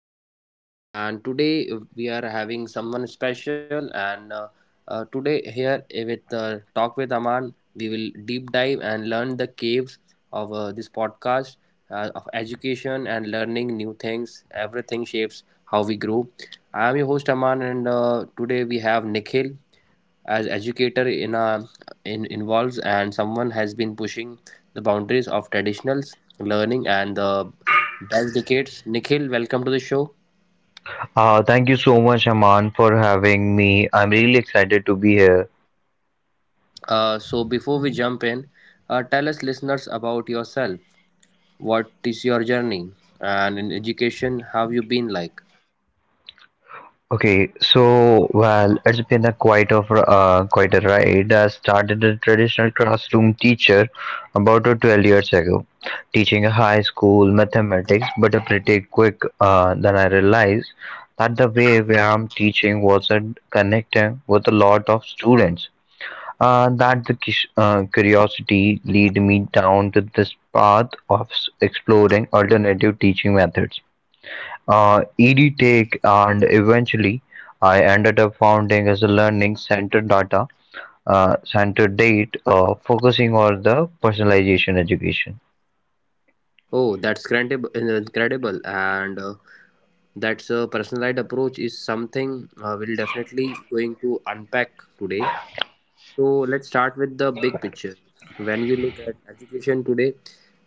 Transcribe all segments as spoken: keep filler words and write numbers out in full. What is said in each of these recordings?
host, and today we are having someone special. And uh, uh, Today here with uh, Talk with Aman, we will deep dive and learn the caves of uh, this podcast uh, of education and learning new things. Everything shapes how we grow. I am your host Aman, and uh, today we have Nikhil as educator in a in involves and someone has been pushing the boundaries of traditionals learning and the best decades. Nikhil, welcome to the show. Uh, thank you so much, Aman, for having me. I'm really excited to be here. Uh, so, before we jump in, uh, tell us listeners about yourself. What is your journey? And in education, how have you been like? Okay, so well, it's been a quite of uh, quite a ride. I started a traditional classroom teacher about uh, twelve years ago, teaching a high school mathematics. But uh, pretty quick, uh, then I realized that the way where I'm teaching wasn't connecting with a lot of students. Ah, that the cus- uh, curiosity lead me down to this path of s- exploring alternative teaching methods. Uh, EdTech and eventually I ended up founding as a learning center data uh, center date uh, focusing on the personalization education. Oh, that's incredible, incredible. And uh, That's a personalized approach is something uh, we'll definitely going to unpack today. So let's start with the big picture. When you look at education today,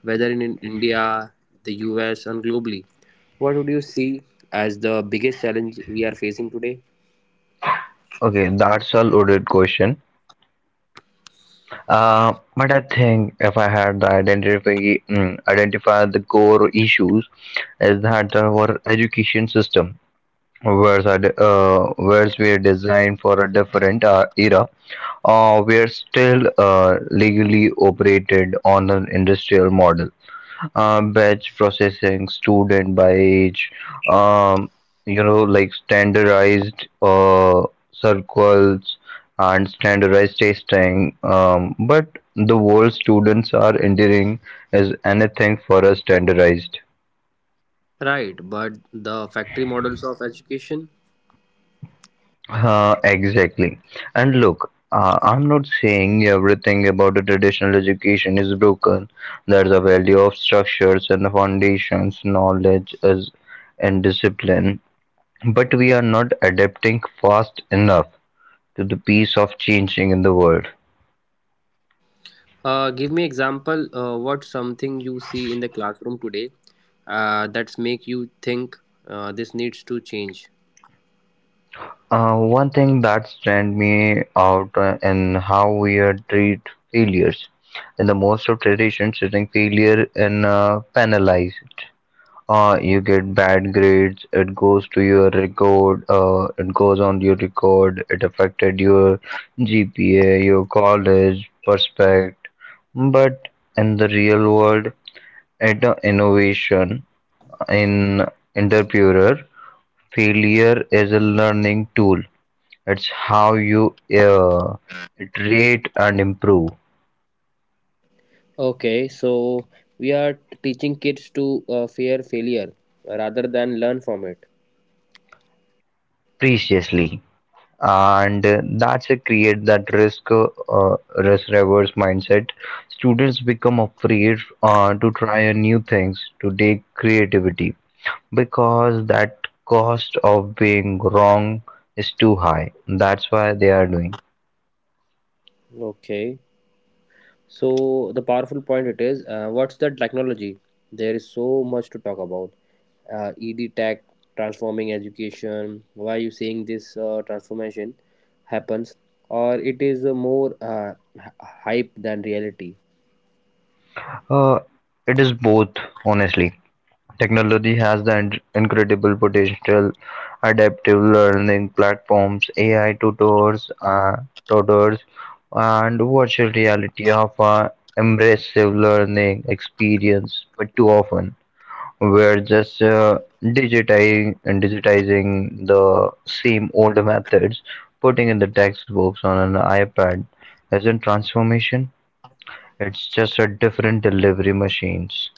whether in in India, the U S, and globally, what would you see as the biggest challenge we are facing today? Okay, that's a loaded question. Uh, but I think if I had the identify mm, identify the core issues is that our education system words are de- uh, words were designed for a different uh, era, uh, were still uh, legally operated on an industrial model, uh, batch processing student by age, um, you know like standardized uh, circles and standardized testing, um, but the world students are entering is anything for a standardized. Right, but the factory models of education. Uh, exactly. And look, uh, I'm not saying everything about the traditional education is broken. There's a value of structures and foundations, knowledge is, and discipline. But we are not adapting fast enough to the pace of changing in the world. Uh, give me example. Uh, what something you see in the classroom today uh, that's make you think uh, this needs to change? Uh, one thing that stand me out, uh, in how we are treat failures. In the most of traditions, treating failure in uh, penalized. Uh, you get bad grades, it goes to your record uh, it goes on your record, it affected your G P A, your college prospect. But in the real world, at the innovation in entrepreneur, failure is a learning tool. It's how you uh, iterate and improve Okay, so we are teaching kids to uh, fear failure rather than learn from it. preciously. And that's a create that risk uh, risk reverse mindset. Students become afraid uh, to try a new things, to take creativity, because that cost of being wrong is too high. That's why they are doing. Okay. So the powerful point it is, uh, what's the technology? There is so much to talk about. Uh, ED tech transforming education. Why you saying this uh, transformation happens, or it is uh, more uh, h- hype than reality? uh, it is both, honestly. Technology has the incredible potential: adaptive learning platforms, A I tutors, uh, tutors, and virtual reality offer immersive learning experience. But too often we're just uh, digitizing and digitizing the same old methods. Putting in the textbooks on an iPad isn't transformation. It's just a different delivery machines.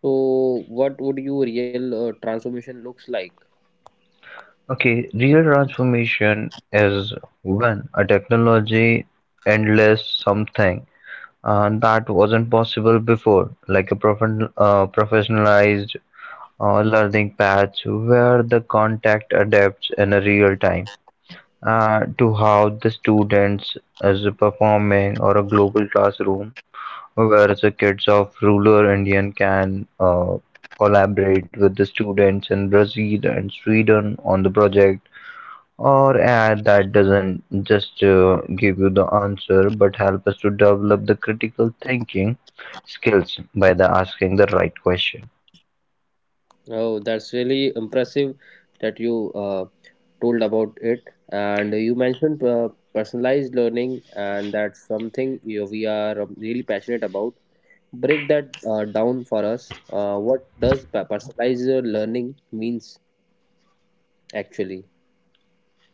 So what would your real uh, transformation looks like? Okay, real transformation is when a technology endless something uh, that wasn't possible before, like a profession uh, professionalized uh, learning path where the contact adapts in a real time, uh, to how the students is performing, or a global classroom where the kids of rural Indian can uh, collaborate with the students in Brazil and Sweden on the project, or ad that doesn't just uh, give you the answer but help us to develop the critical thinking skills by the asking the right question. Oh, that's really impressive that you uh, told about it, and you mentioned uh, personalized learning, and that's something you we are um, really passionate about break that uh, down for us. Uh, what does pe- personalized learning means actually?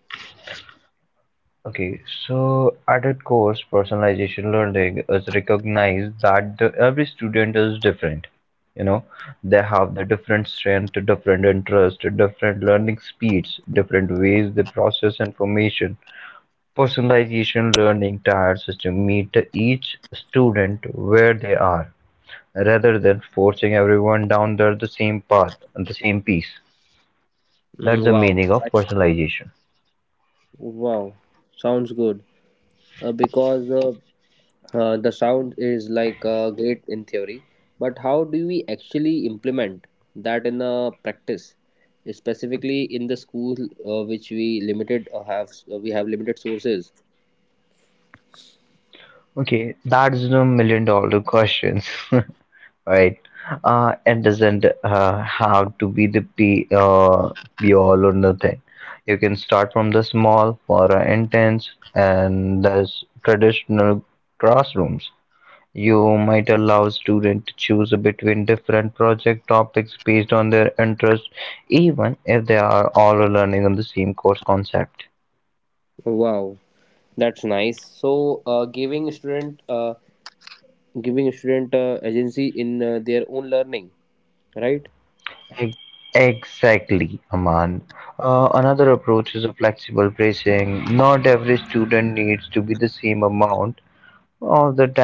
Okay, so at its core, personalization learning is recognized that the, every student is different. You know, they have the different strength, different interest, different learning speeds, different ways they process information. Personalization learning tiered systems meet each student where they are, rather than forcing everyone down the the same path, and the same piece. That's the meaning of Mm, wow, personalization. wow, sounds good. Uh, because uh, uh, The sound is like uh, great in theory, but how do we actually implement that in uh, practice? Specifically in the school, uh, which we limited uh, have uh, we have limited sources. Okay, that's the million dollar questions, right? Uh, it doesn't uh, have to be the be, uh, be all or nothing. You can start from the small, more intense, and the traditional classrooms. You might allow students to choose between different project topics based on their interests, even if they are all learning on the same course concept. Wow, that's nice. So, uh, giving student uh, giving student uh, agency in uh, their own learning, right? Ex- Exactly, Aman. Uh, another approach is a flexible bracing. Not every student needs to be the same amount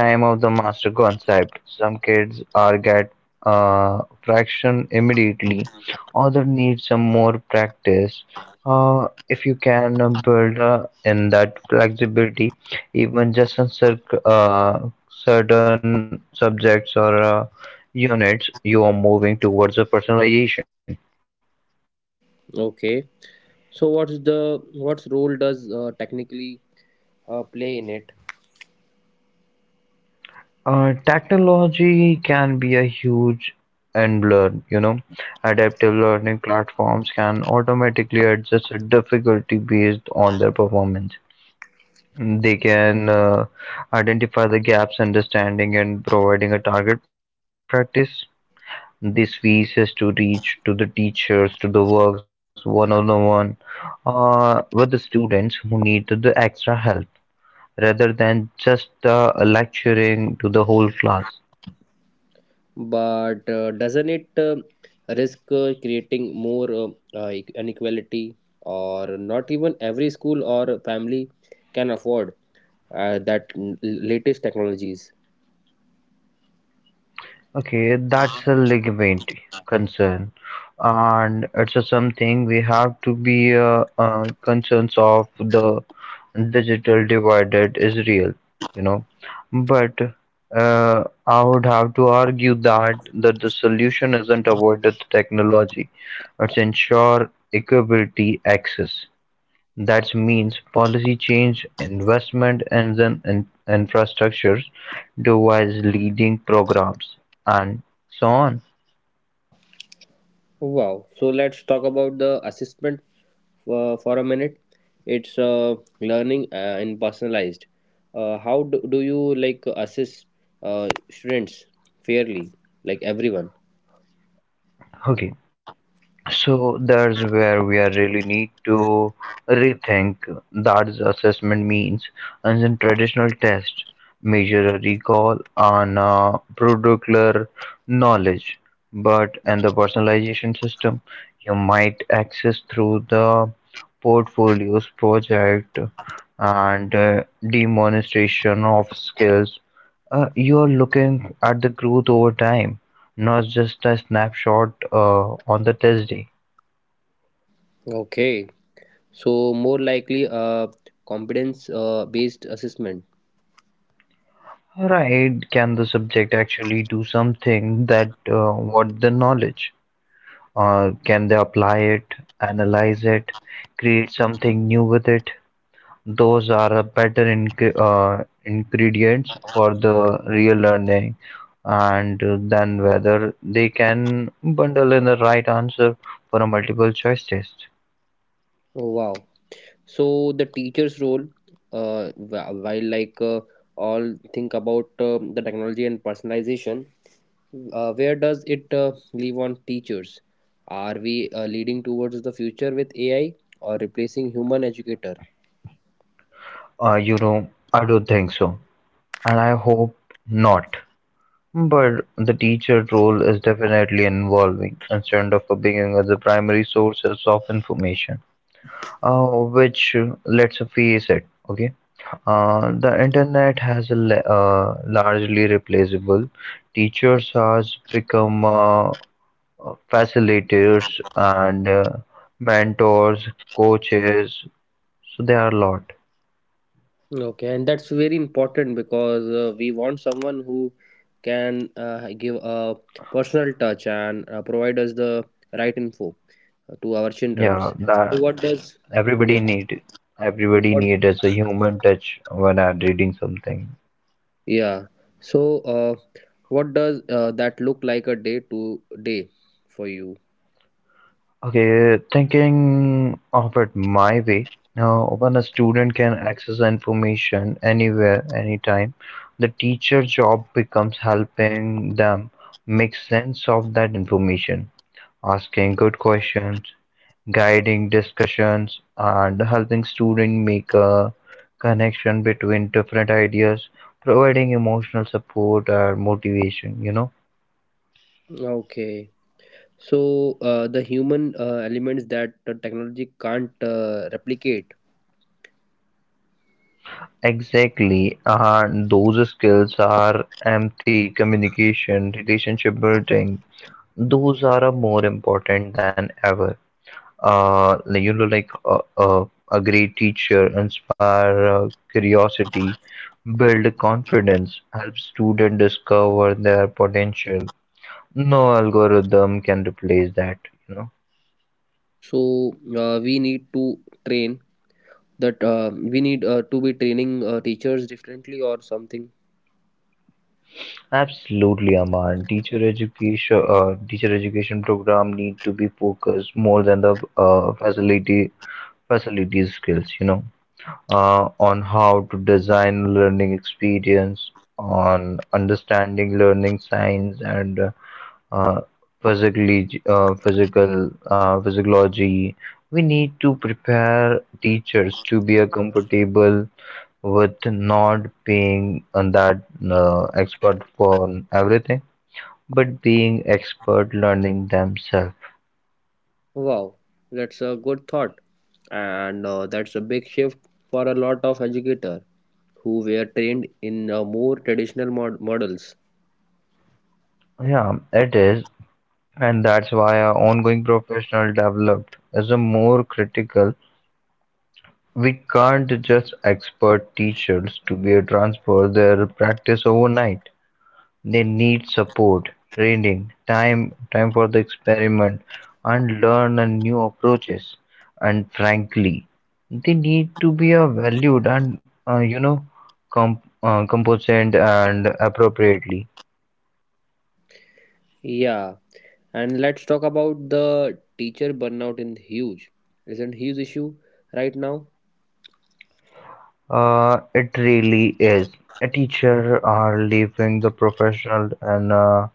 of the time of the master concept. Some kids are get uh, fraction immediately, other need some more practice. Uh, if you can uh, build uh, in that flexibility, even just on cer- uh, certain subjects or uh, units, you are moving towards a personalization. Okay, so what's the what's role does uh, technically uh, play in it? Uh, technology can be a huge enabler, you know. Adaptive learning platforms can automatically adjust a difficulty based on their performance. They can uh, identify the gaps, understanding, and providing a target practice. This feeds to reach to the teachers, to the works, one on one, uh, with the students who need the extra help, rather than just uh, lecturing to the whole class. But uh, doesn't it uh, risk uh, creating more uh, uh, e-, inequality or not even every school or family can afford uh, that l- latest technologies? Okay, that's a ligament concern, and it's a something we have to be uh, uh, concerns of. The digital divided is real, you know. But uh, I would have to argue that that the solution isn't avoided technology, it's ensure equability access. That means policy change, investment in the infrastructure, device leading programs, and so on. Wow. So let's talk about the assessment for, for a minute. It's uh, learning uh, and personalized. Uh, how do, do you like assess uh, students fairly, like everyone? Okay, so that's where we are really need to rethink that assessment means. And in traditional test, measure a recall on a particular knowledge, but in the personalization system, you might access through the portfolios project and uh, demonstration of skills. Uh, you are looking at the growth over time, not just a snapshot uh, on the test day. Okay. So more likely uh, competence uh, based assessment. Right? Can the subject actually do something that uh, what the knowledge? Uh, can they apply it, analyze it, create something new with it? Those are the better inc- uh, ingredients for the real learning, and uh, then whether they can bundle in the right answer for a multiple choice test. Oh, wow. So the teacher's role, uh, wh- while like uh, all think about um the technology and personalization, uh, where does it uh, leave on teachers? Are we uh, leading towards the future with ai or replacing human educator? Uh, you know, I don't think so, and I hope not. But the teacher role is definitely involving instead of being the primary sources of information, uh, which uh, let's face it, okay, uh, the internet has a le- uh, largely replaceable. Teachers has become uh, facilitators and uh, mentors, coaches. So there are a lot. Okay, and that's very important because uh, we want someone who can uh, give a personal touch and uh, provide us the right info uh, to our Yeah, children. that So what does everybody yeah? need. Everybody need What? as a human touch when I'm reading something. Yeah. So, uh, what does uh, that look like a day to day for you? Okay, thinking of it my way, now when a student can access information anywhere, anytime, the teacher job becomes helping them make sense of that information, asking good questions, guiding discussions, and helping student make a connection between different ideas, providing emotional support or motivation, you know. Okay. So, uh, the human uh, elements that the technology can't uh, replicate. Exactly, and those skills are empathy, communication, relationship building. Those are uh, more important than ever. Uh, like, you know, like uh, uh, a great teacher inspire uh, curiosity, build confidence, help student discover their potential. No algorithm can replace that. You know. So, uh, we need to train that uh, we need uh, to be training uh, teachers differently or something. Absolutely, Aman. Teacher education, uh, teacher education program need to be focused more than the uh, facility facility skills. You know, uh, on how to design learning experience, on understanding learning science, and uh, uh, physically, uh, physical, uh, physiology. We need to prepare teachers to be uh, comfortable with not being on that uh, expert for everything, but being expert learning themselves. Wow, that's a good thought, and uh, that's a big shift for a lot of educators who were trained in uh, more traditional mod- models. Yeah, it is, and that's why our ongoing professional developed is a more critical. We can't just expert teachers to be a transfer their practice overnight. They need support, training, time time for the experiment and learn a new approaches. And frankly, they need to be uh, valued and uh, you know com- uh, competent and appropriately. Yeah. And let's talk about the teacher burnout in huge. Isn't huge issue right now? Uh, it really is. A teacher are leaving the professional and uh,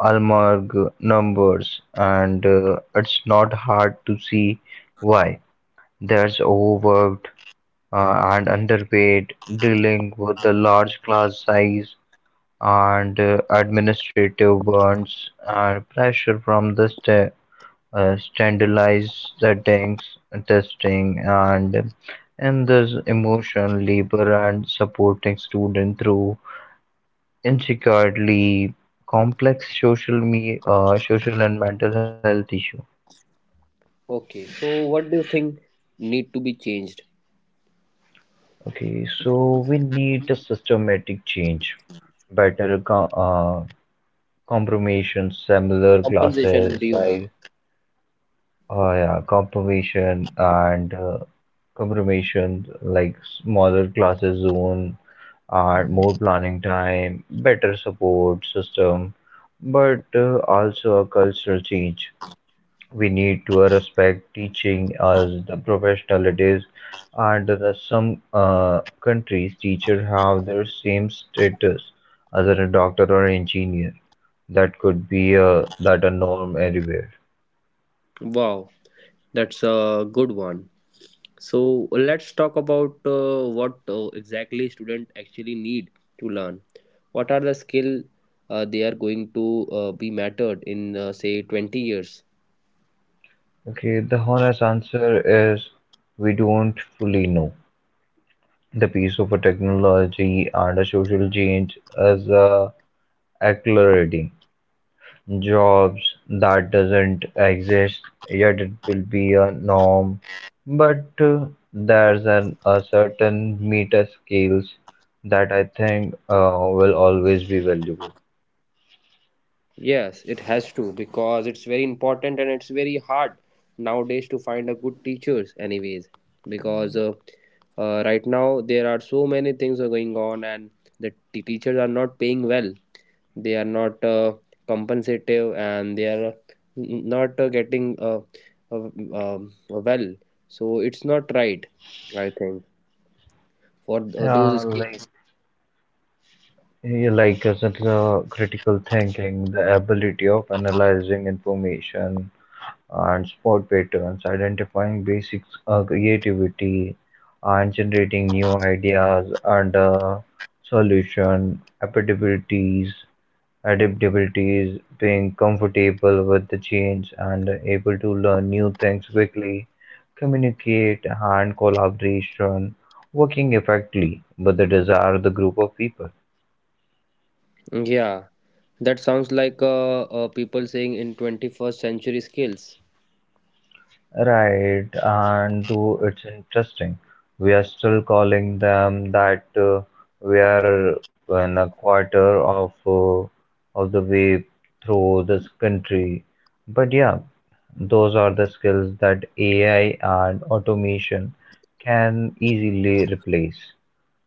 almag numbers, and uh, it's not hard to see why. There's overworked uh, and underpaid, dealing with the large class size and uh, administrative burdens and pressure from the sta- uh, standardized settings, testing, and and this emotion, labor, and supporting student through intricately complex social me uh, social and mental health issue. Okay, so what do you think need to be changed? Okay, so we need a systematic change, better acco- uh, Confirmation, similar Compensation. Do classes, size, due. uh, yeah, confirmation and uh, confirmation like smaller classes zone and more planning time, better support system, but uh, also a cultural change. We need to uh, respect teaching as the professional it is, and there are some uh, countries teachers have their same status as a doctor or engineer. That could be uh, that a norm anywhere. Wow, that's a good one. So let's talk about uh, what uh, exactly student actually need to learn. What are the skill uh, they are going to uh, be mattered in uh, say twenty years? Okay, the honest answer is we don't fully know. The piece of a technology and a social change is uh, accelerating. Jobs that doesn't exist yet it will be a norm, but uh, there's an a certain meta skills that I think uh, will always be valuable. Yes, it has to because it's very important and it's very hard nowadays to find a good teachers anyways because uh, uh, right now there are so many things are going on and the t- teachers are not paying well. They are not uh, compensative and they are n- not uh, getting uh, uh, um, uh, well. So it's not right, I think, for th- uh, those yeah like skills. yeah, like as a critical thinking, the ability of analyzing information and spot patterns, identifying basics, uh, creativity and generating new ideas, and uh, solution adaptabilities, adaptabilities, being comfortable with the change and able to learn new things quickly, communicate and collaboration, working effectively with the desired group of people. Yeah, that sounds like uh, uh, people saying in twenty-first century skills. Right, and though it's interesting, we are still calling them that, uh, we are in a quarter of uh, of the way through this country. But yeah, those are the skills that A I and automation can easily replace.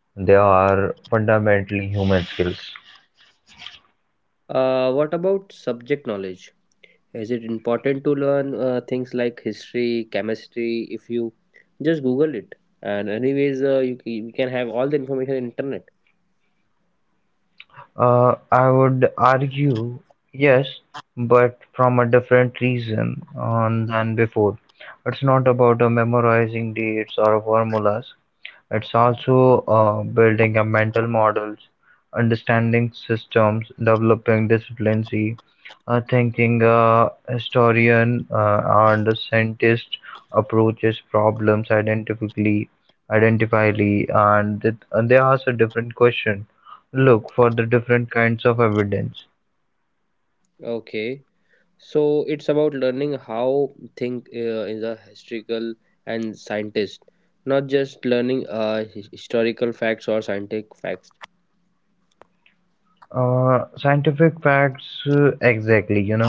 They are fundamentally human skills. Uh, what about subject knowledge? Is it important to learn uh, things like history, chemistry? If you just Google it, and anyways, uh, you, c- you can have all the information in internet. Uh, I would argue yes, but from a different reason on than before. It's not about uh, memorizing dates or formulas. It's also uh, building up mental models, understanding systems, developing disciplines, uh, thinking a historian uh, and a scientist approaches problems identically, identically, and, it, and they ask a different question. Look for the different kinds of evidence. Okay, so it's about learning how think uh, is a historical and scientist, not just learning uh, his- historical facts or scientific facts. Uh, scientific facts, uh, exactly, you know,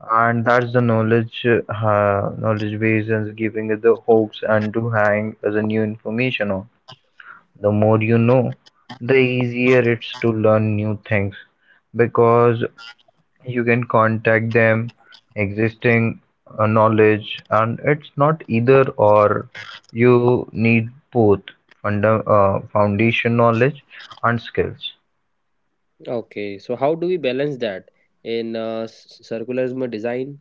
and that's the knowledge, uh, ha- knowledge base is giving it the hopes and to hang as a new information on. The more you know, the easier it's to learn new things because you can contact them, existing uh, knowledge, and it's not either or. You need both funda- uh, foundation knowledge and skills. Okay, so how do we balance that in uh, s- circular design?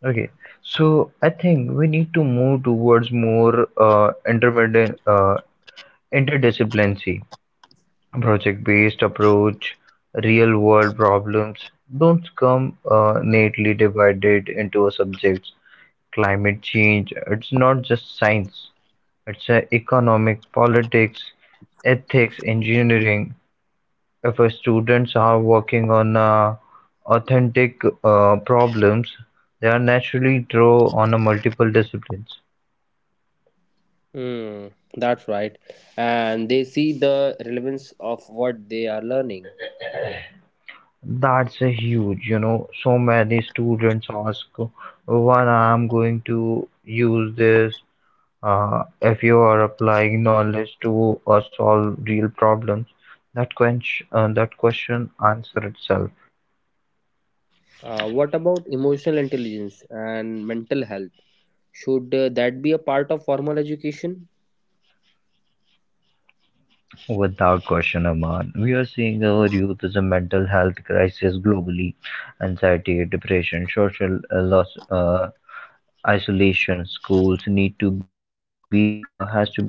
Okay, so I think we need to move towards more uh, intermedi- uh, interdisciplinary, project-based approach. Real-world problems don't come uh, neatly divided into subjects. Climate change, it's not just science. It's a economic, politics, ethics, engineering if uh, students are working on uh, authentic uh, problems, they are naturally draw on a multiple disciplines. Mm, that's right. And they see the relevance of what they are learning. That's a huge, you know, so many students ask, when I'm going to use this, uh, if you are applying knowledge to uh, solve real problems, that, quench uh, that question answer itself. Uh, what about emotional intelligence and mental health? Should uh, that be a part of formal education? Without question, Aman, we are seeing our youth as a mental health crisis globally. Anxiety, depression, social uh, loss, uh, isolation. Schools need to be uh, has to be a place that does support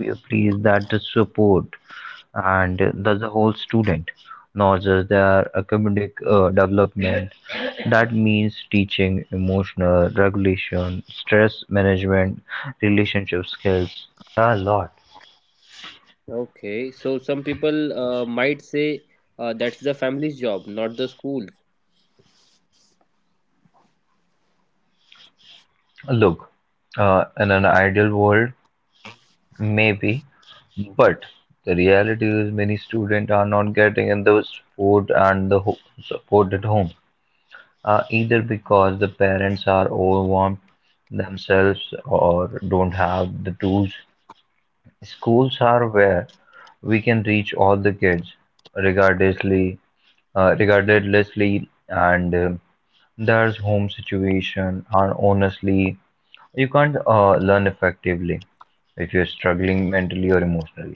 and does the whole student, not just their academic uh, development. That means teaching emotional regulation, stress management, relationship skills, a lot. Okay, so some people uh, might say uh, that's the family's job, not the school. Look, uh, in an ideal world, maybe, but the reality is many students are not getting in the support and the ho- support at home, uh, either because the parents are overwhelmed themselves or don't have the tools. Schools are where we can reach all the kids, regardlessly, uh, regardlessly, and um there's home situation, and honestly. You can't uh, learn effectively if you're struggling mentally or emotionally.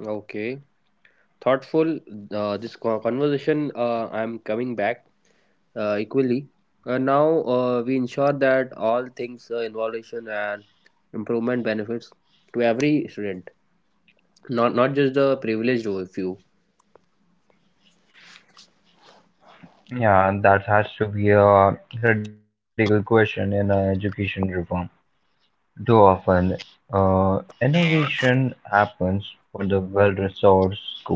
Okay, thoughtful. Uh, this co- conversation, uh, I'm coming back uh, equally. And now uh, we ensure that all things uh, innovation and improvement benefits to every student, not not just the privileged few. Yeah, that has to be a critical question in uh, education reform. Too often, uh, innovation happens for the well-resourced schools,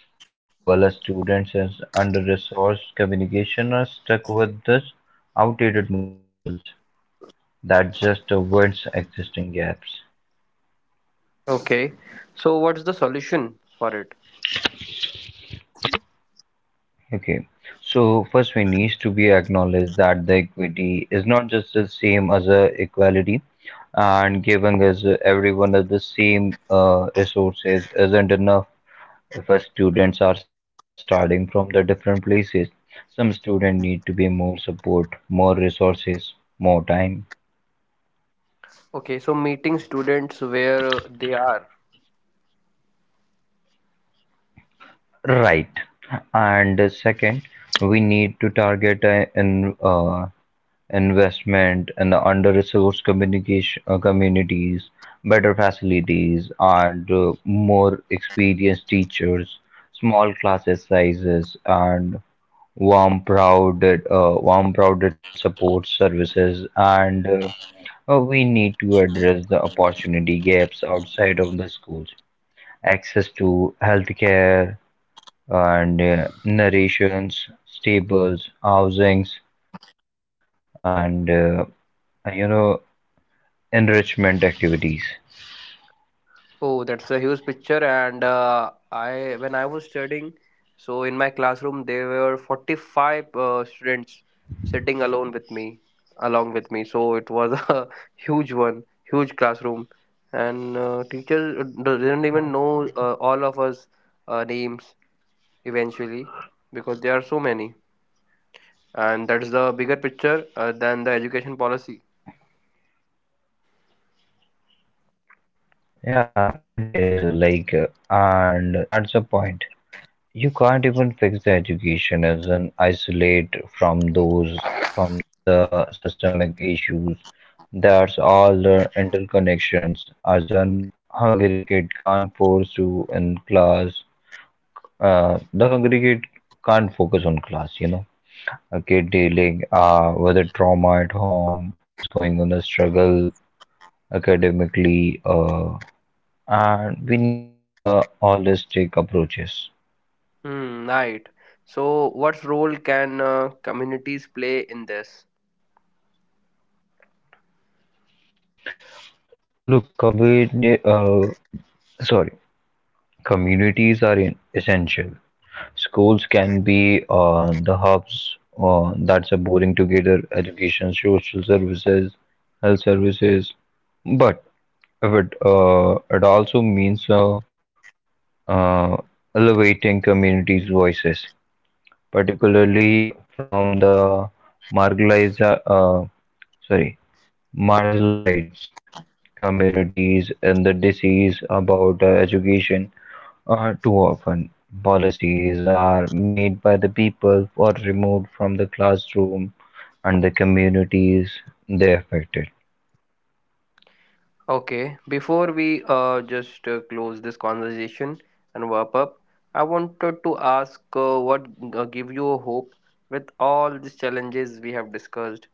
while the students in under-resourced communication are stuck with these outdated models that just avoids existing gaps. Okay, so what's the solution for it? Okay, so first we needs to be acknowledged that the equity is not just the same as a equality and giving us everyone of the same uh, resources isn't enough if our students are starting from the different places. Some students need to be more support, more resources, more time. Okay, so meeting students where uh, they are. Right. And uh, second, we need to target uh, in uh, Investment in the under-resourced communication uh, communities, better facilities, and uh, more experienced teachers, small classes sizes, and warm, crowded, uh, warm, crowded support services, and uh, uh, we need to address the opportunity gaps outside of the schools. Access to healthcare and uh, narrations, stables, housings, and uh, you know enrichment activities. Oh, that's a huge picture. And uh, I, when I was studying, so in my classroom there were forty-five uh, students sitting alone with me, along with me. So it was a huge one, huge classroom, and uh, teacher didn't even know uh, all of us uh, names eventually because there are so many. And that's the bigger picture uh, than the education policy. Yeah, it is like, uh, and that's the point. You can't even fix the education as an isolate from those, from the systemic issues. There's all the interconnections. As an hungry kid can't force you in class, uh, the hungry kid can't focus on class, you know. A kid dealing uh, with a trauma at home, as going on a struggle academically, uh, and we need to go the holistic approaches. Hmm, right. So, what role can uh, communities play in this? Look, community, uh, sorry, communities are in essential. Schools can be uh, the hubs uh, that support together education, social services, health services. But if it uh, it also means uh, uh, elevating communities' voices, particularly from the marginalized, uh, sorry, marginalized communities and the disease about uh, education are too often policies are made by the people or removed from the classroom and the communities they affected. Okay, before we uh, just uh, close this conversation and wrap up, I wanted to ask uh, what uh, give you a hope with all these challenges we have discussed,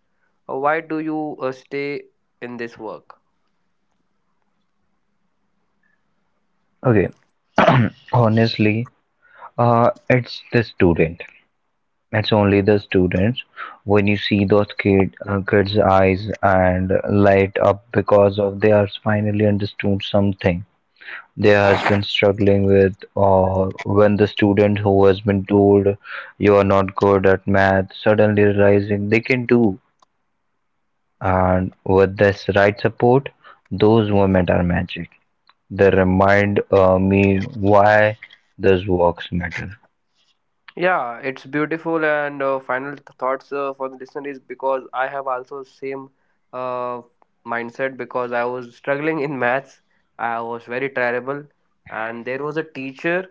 or why do you uh, stay in this work? Okay, honestly, uh, it's the student it's only the students. When you see those kid uh, kids eyes and light up because of they are finally understood something they has been struggling with. Or when the student who has been told you are not good at math suddenly realizing they can do, and with this right support, those moments are magic. They remind uh, me why this works matter. Yeah, it's beautiful. And uh, final th- thoughts uh, for the listener is because I have also same uh, mindset because I was struggling in maths. I was very terrible, and there was a teacher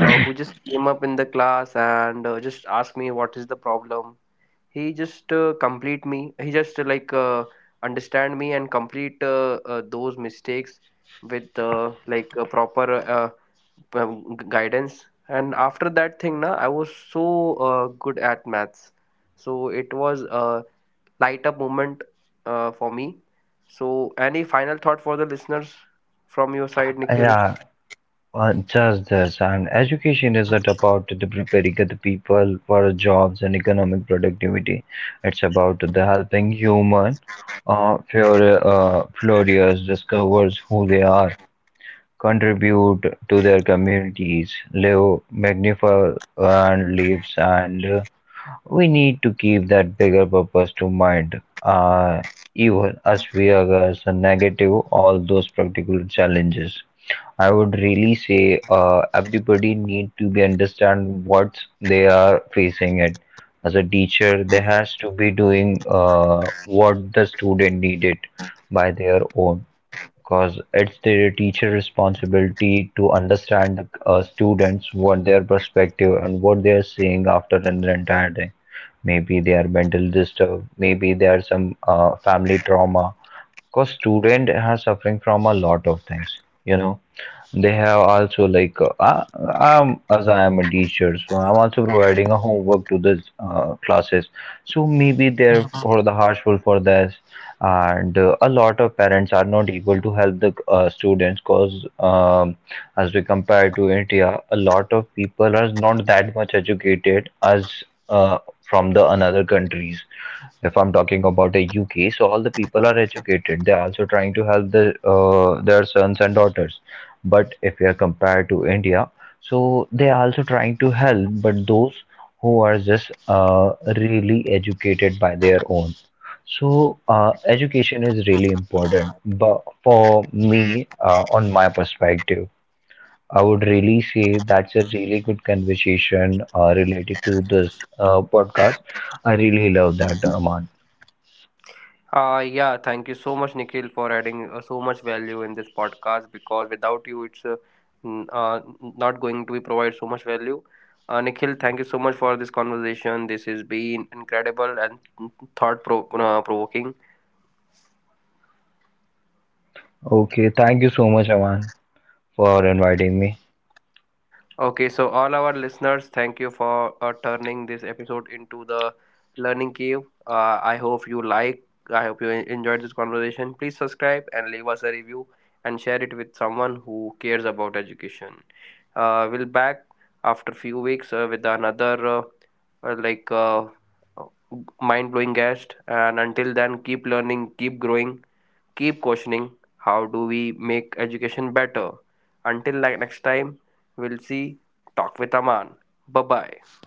uh, who just came up in the class and uh, just asked me what is the problem, he just uh, complete me. He just uh, like uh, understand me and complete uh, uh, those mistakes with uh, like a proper uh, um, g- guidance. And after that thing, na, I was so uh, good at maths. So it was a light up moment uh, for me. So any final thought for the listeners from your side, Nikhil? Yeah. Uh, Just this, and education isn't about the preparing the people for jobs and economic productivity. It's about the helping human uh, flour- uh, flourish, discovers who they are, contribute to their communities, live magnificent lives, and uh, we need to keep that bigger purpose to mind. Uh, even as we are uh, negative all those particular challenges. I would really say uh, everybody need to be understand what they are facing it. As a teacher, they has to be doing uh, what the student needed by their own, because it's the teacher responsibility to understand the uh, students what their perspective and what they are seeing after an entire day. Maybe they are mental disturbed, maybe there are some uh, family trauma. Because student are suffering from a lot of things, you know they have also like uh, I, I'm as I am a teacher, so I'm also providing a homework to the uh, classes. So maybe they're for the harshful for this, and uh, a lot of parents are not able to help the uh, students because um, as we compare to India, a lot of people are not that much educated as uh, from the another countries. If I'm talking about the U K, so all the people are educated. They're also trying to help the, uh, their sons and daughters, but if we are compared to india, so they are also trying to help but those who are just uh, really educated by their own. So uh, education is really important, but for me, uh, on my perspective, I would really say that's a really good conversation uh, related to this uh, podcast. I really love that, Aman. Uh, yeah, thank you so much, Nikhil, for adding uh, so much value in this podcast because without you, it's uh, n- uh, not going to be provide so much value. Uh, Nikhil, thank you so much for this conversation. This has been incredible and thought pro- uh, provoking. Okay, thank you so much, Aman, for inviting me. Okay, so all our listeners, thank you for uh, turning this episode into the learning cave. Uh, I hope you like, I hope you en- enjoyed this conversation. Please subscribe and leave us a review and share it with someone who cares about education. Uh, we'll back after few weeks uh, with another uh, uh, like uh, mind blowing guest. And until then, keep learning, keep growing, keep questioning how do we make education better. Until like next time, we'll see. Talk with Aman. Bye bye.